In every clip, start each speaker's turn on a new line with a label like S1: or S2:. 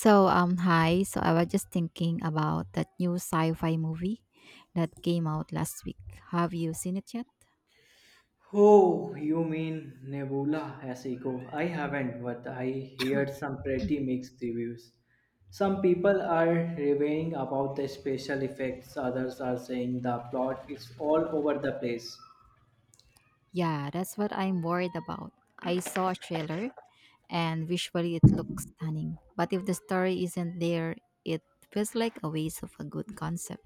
S1: So, hi. So, I was just thinking about that new sci fi movie that came out last week. Have you seen it yet?
S2: Oh, you mean Nebula as Echo? I haven't, but I heard some pretty mixed reviews. Some people are raving about the special effects, others are saying the plot is all over the place.
S1: Yeah, that's what I'm worried about. I saw a trailer and visually it looks stunning, but if the story isn't there, it feels like a waste of a good concept.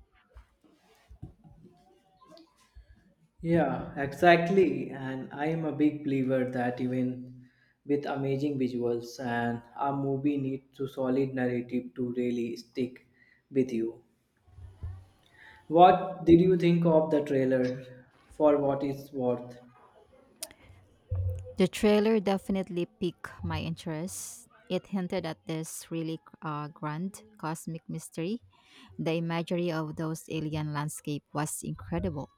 S2: Yeah, exactly. And I am a big believer that even with amazing visuals and a movie needs to solid narrative to really stick with you. What did you think of the trailer for what it's worth?
S1: The trailer definitely piqued my interest. It hinted at this really grand cosmic mystery. The imagery of those alien landscape was incredible.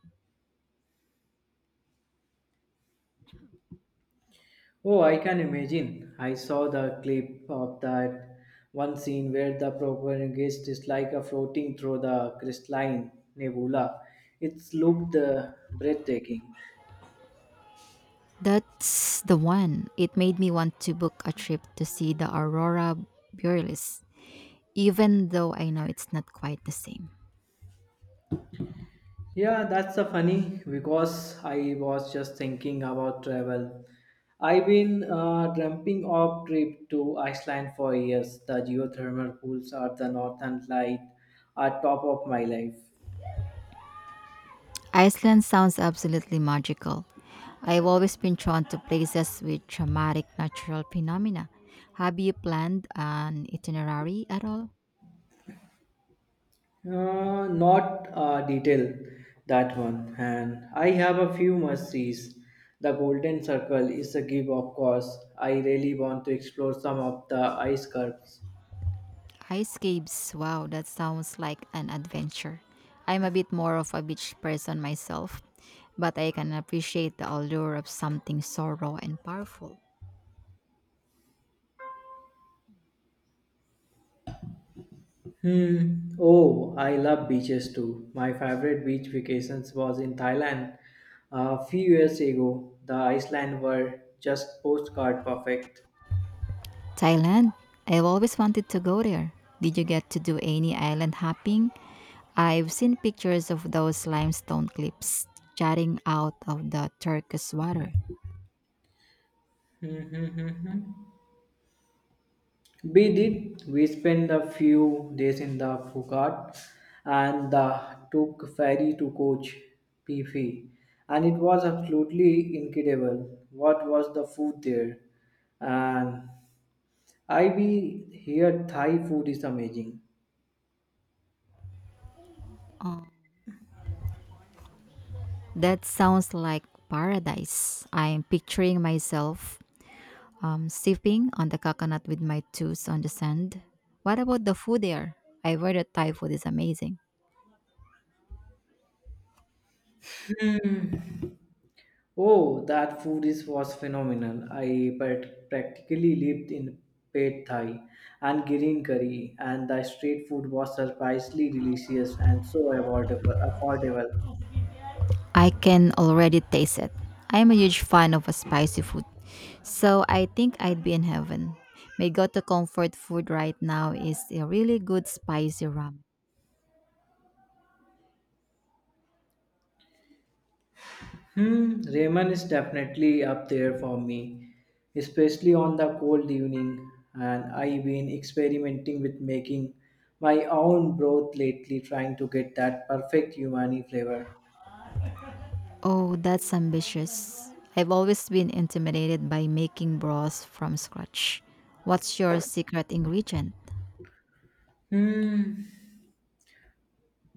S2: Oh, I can imagine. I saw the clip of that one scene where the protagonist is like a floating through the crystalline nebula. It's looked breathtaking.
S1: That's the one. It made me want to book a trip to see the aurora borealis, even though I know it's not quite the same.
S2: Yeah, that's a funny because I was just thinking about travel. I've been dreaming of trip to Iceland for years. The geothermal pools are the northern light are top of my life.
S1: Iceland sounds absolutely magical. I've always been drawn to places with dramatic natural phenomena. Have you planned an itinerary at all?
S2: Not detail that one. And I have a few must sees. The Golden Circle is a give, of course. I really want to explore some of the ice curves.
S1: Ice caves, wow, that sounds like an adventure. I'm a bit more of a beach person myself, but I can appreciate the allure of something so raw and powerful.
S2: Hmm. Oh, I love beaches too. My favorite beach vacations was in Thailand a few years ago. The Iceland were just postcard perfect.
S1: Thailand. I've always wanted to go there. Did you get to do any island hopping? I've seen pictures of those limestone cliffs jutting out of the turquoise water.
S2: We did. We spent a few days in the Phuket and took ferry to Coach Phi, and it was absolutely incredible. What was the food there? And I be here Thai food is amazing.
S1: That sounds like paradise. I'm picturing myself sipping on the coconut with my toes on the sand. What about the food there? I've heard that Thai food is amazing.
S2: Oh, that food is was phenomenal. I practically lived in Pad Thai and green curry, and the street food was surprisingly delicious and so affordable.
S1: I can already taste it. I'm a huge fan of a spicy food, so I think I'd be in heaven. My go-to comfort food right now is a really good spicy ramen.
S2: Hmm, Raymond is definitely up there for me, especially on the cold evening. And I've been experimenting with making my own broth lately, trying to get that perfect umami flavor.
S1: Oh, that's ambitious. I've always been intimidated by making broth from scratch. What's your secret ingredient?
S2: Hmm.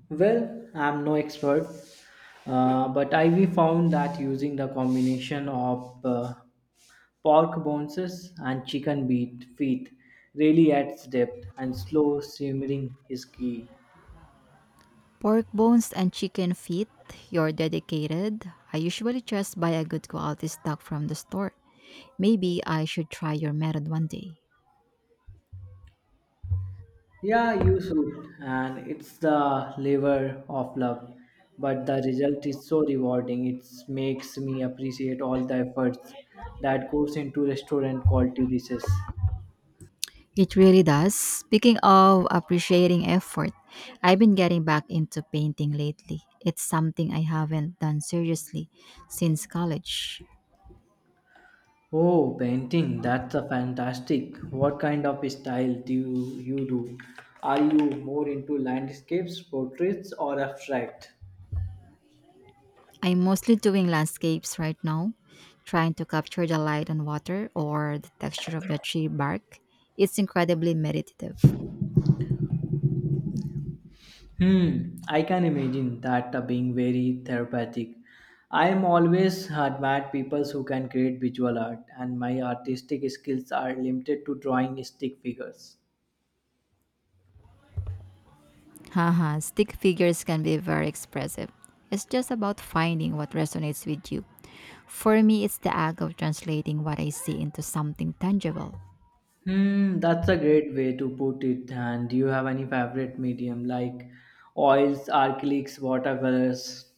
S2: Well, I'm no expert, but I've found that using the combination of pork bones and chicken beat feet really adds depth, and slow simmering is key.
S1: Pork bones and chicken feet. You're dedicated. I usually just buy a good quality stock from the store. Maybe I should try your method one day.
S2: Yeah, you should. And it's the labor of love. But the result is so rewarding. It makes me appreciate all the efforts that goes into restaurant quality dishes.
S1: It really does. Speaking of appreciating effort, I've been getting back into painting lately. It's something I haven't done seriously since college.
S2: Oh, painting. That's a fantastic. What kind of style you do? Are you more into landscapes, portraits, or abstract?
S1: I'm mostly doing landscapes right now, trying to capture the light on water or the texture of the tree bark. It's incredibly meditative.
S2: Hmm, I can imagine that being very therapeutic. I am always admired people who can create visual art, and my artistic skills are limited to drawing stick figures.
S1: Haha, stick figures can be very expressive. It's just about finding what resonates with you. For me, it's the act of translating what I see into something tangible.
S2: Hmm, that's a great way to put it. And do you have any favorite medium like oils, acrylics, watercolors?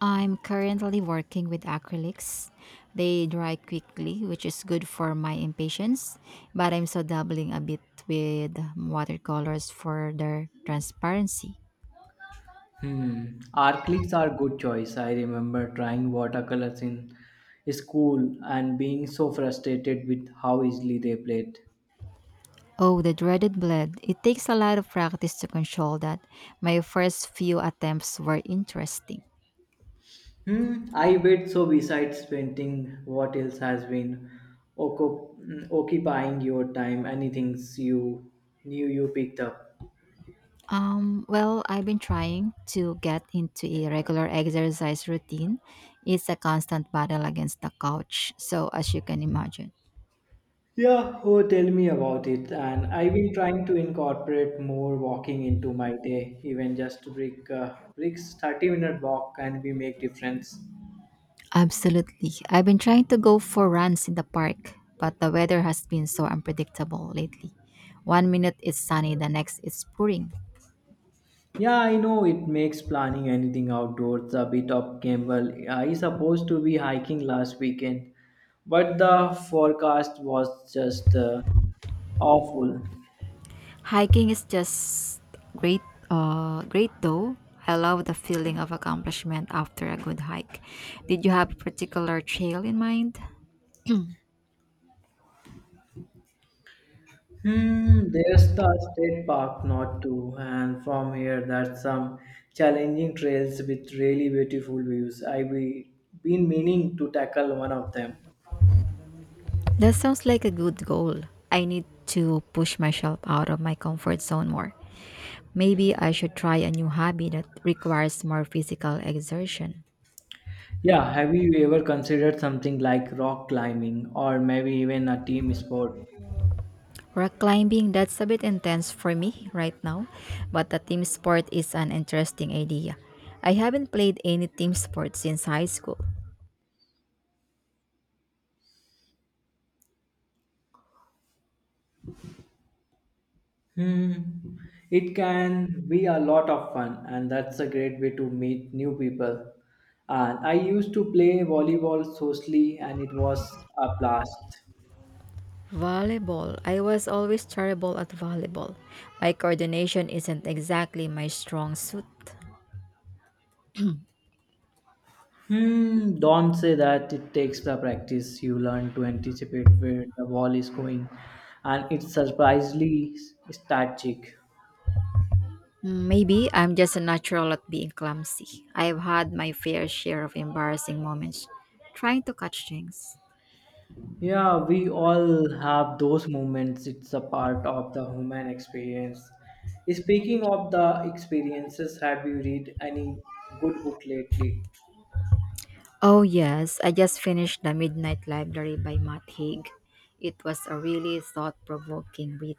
S1: I'm currently working with acrylics. They dry quickly, which is good for my impatience, but I'm so dabbling a bit with watercolors for their transparency.
S2: Hmm, acrylics are good choice. I remember trying watercolors in school and being so frustrated with how easily they bled.
S1: Oh, the dreaded bled. It takes a lot of practice to control that. My first few attempts were interesting.
S2: Hmm, I bet so. Besides painting, what else has been occupying your time? Anything you new you picked up?
S1: Well, I've been trying to get into a regular exercise routine. It's a constant battle against the couch, so as you can imagine.
S2: Yeah, oh, tell me about it. And I've been trying to incorporate more walking into my day, even just breaks, 30-minute walk can be make difference.
S1: Absolutely. I've been trying to go for runs in the park, but the weather has been so unpredictable lately. One minute it's sunny, the next it's pouring.
S2: Yeah, I know it makes planning anything outdoors a bit of gamble. I supposed to be hiking last weekend, but the forecast was just awful.
S1: Hiking is just great great though. I love the feeling of accomplishment after a good hike. Did you have a particular trail in mind?
S2: Hmm, there's the state park not too, and from here that's some challenging trails with really beautiful views. Been meaning to tackle one of them.
S1: That sounds like a good goal. I need to push myself out of my comfort zone more. Maybe I should try a new hobby that requires more physical exertion.
S2: Yeah, have you ever considered something like rock climbing or maybe even a team sport?
S1: Rock climbing, that's a bit intense for me right now, but the team sport is an interesting idea. I haven't played any team sport since high school.
S2: Hmm. It can be a lot of fun, and that's a great way to meet new people. And I used to play volleyball socially, and it was a blast.
S1: Volleyball, I was always terrible at volleyball. My coordination isn't exactly my strong suit.
S2: Hmm. Don't say that. It takes the practice. You learn to anticipate where the ball is going, and it's surprisingly strategic.
S1: Mm, maybe I'm just a natural at being clumsy. I've had my fair share of embarrassing moments trying to catch things.
S2: Yeah, we all have those moments. It's a part of the human experience. Speaking of the experiences, have you read any good book lately?
S1: Oh, yes, I just finished The Midnight Library by Matt Haig. It was a really thought provoking read.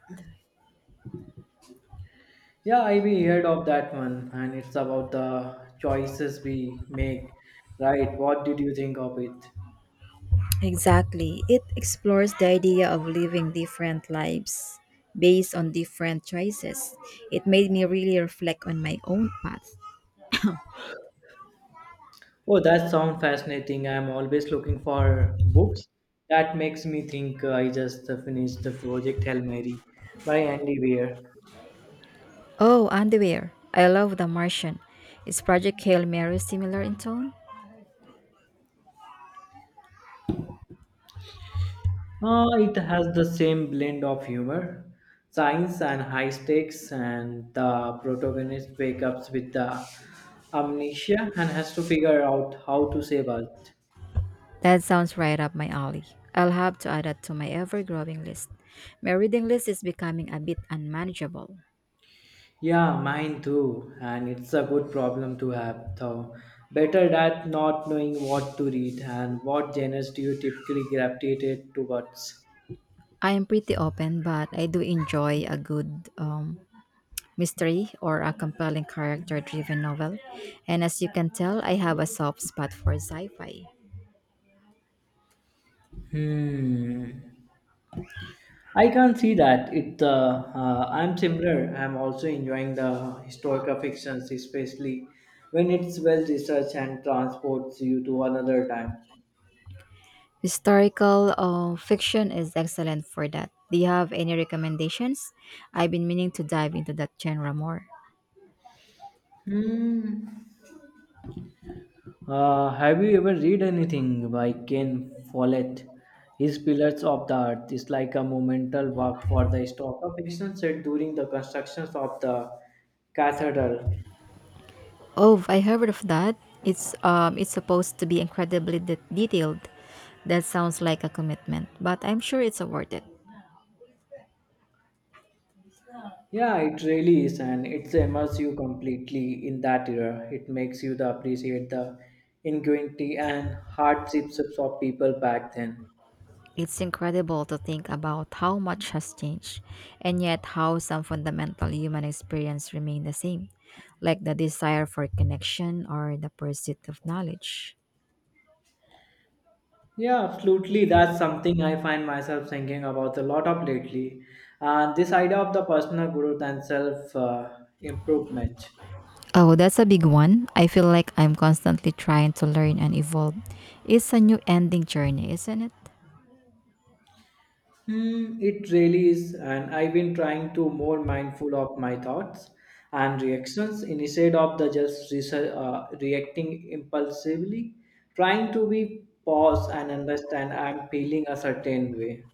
S2: Yeah, I've heard of that one, and it's about the choices we make, right? What did you think of it?
S1: Exactly. It explores the idea of living different lives based on different choices. It made me really reflect on my own path.
S2: Oh, that sounds fascinating. I'm always looking for books. That makes me think I just finished the project Hail Mary by Andy Weir.
S1: Oh, underwear. I love The Martian. Is Project Hail Mary similar in tone?
S2: It has the same blend of humor, science, and high stakes, and the protagonist wakes up with the amnesia and has to figure out how to save Earth.
S1: That sounds right up my alley. I'll have to add that to my ever growing list. My reading list is becoming a bit unmanageable.
S2: Yeah, mine too, and it's a good problem to have, though. Better that not knowing what to read and what genres do you typically gravitate towards.
S1: I am pretty open, but I do enjoy a good mystery or a compelling character driven novel. And as you can tell, I have a soft spot for sci fi.
S2: Hmm. I can't see that. It. I'm similar. I'm also enjoying the historical fictions, especially when it's well researched and transports you to another time.
S1: Historical fiction is excellent for that. Do you have any recommendations? I've been meaning to dive into that genre more.
S2: Hmm. Have you ever read anything by Ken Follett? His Pillars of the Earth is like a monumental work for the historical fiction set during the construction of the cathedral.
S1: Oh, I heard of that. It's it's supposed to be incredibly detailed. That sounds like a commitment, but I'm sure it's worth it.
S2: Yeah, it really is, and it immerses you completely in that era. It makes you the appreciate the ingenuity and hardships of people back then.
S1: It's incredible to think about how much has changed, and yet how some fundamental human experiences remain the same, like the desire for connection or the pursuit of knowledge.
S2: Yeah, absolutely. That's something I find myself thinking about a lot of lately, and this idea of the personal growth and self improvement.
S1: Oh, that's a big one. I feel like I'm constantly trying to learn and evolve. It's a new ending journey, isn't it?
S2: Hmm, it really is, and I've been trying to more mindful of my thoughts and reactions instead of the just reacting impulsively. Trying to be pause and understand I'm feeling a certain way.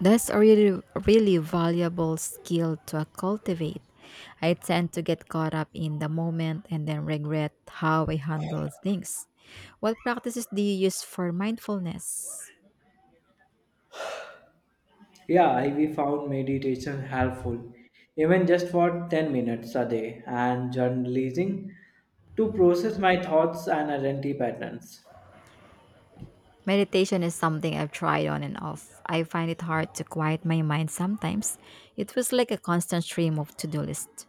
S1: That's a really valuable skill to cultivate. I tend to get caught up in the moment and then regret how I handle things. What practices do you use for mindfulness?
S2: Yeah, I we found meditation helpful, even just for 10 minutes a day, and journalizing to process my thoughts and identity patterns.
S1: Meditation is something I've tried on and off. I find it hard to quiet my mind sometimes. It was like a constant stream of to do list.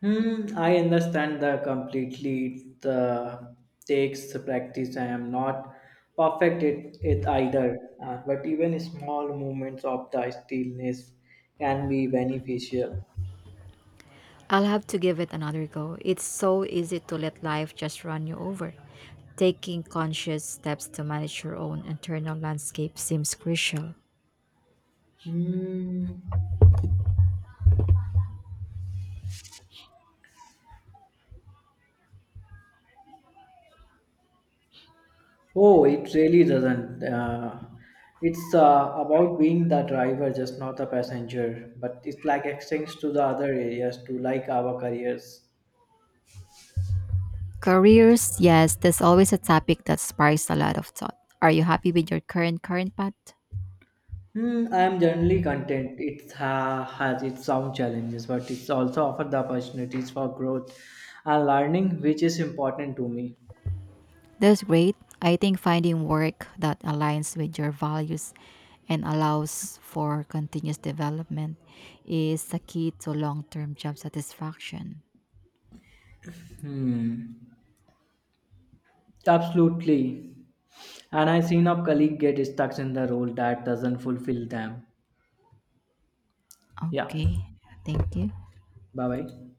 S2: Hmm, I understand that completely. It takes practice. I am not perfect at it either, but even small movements of the stillness can be beneficial.
S1: I'll have to give it another go. It's so easy to let life just run you over. Taking conscious steps to manage your own internal landscape seems crucial.
S2: Hmm. Oh, it really doesn't. It's about being the driver, just not the passenger. But it like extends to the other areas, to like our careers.
S1: Careers, yes, there's always a topic that sparks a lot of thought. Are you happy with your current path?
S2: Hmm, I am generally content. It has its own challenges, but it's also offered the opportunities for growth and learning, which is important to me.
S1: That's great. I think finding work that aligns with your values and allows for continuous development is the key to long-term job satisfaction.
S2: Hmm, absolutely. And I've seen a colleague get stuck in the role that doesn't fulfill them. Yeah.
S1: Okay, thank you.
S2: Bye bye.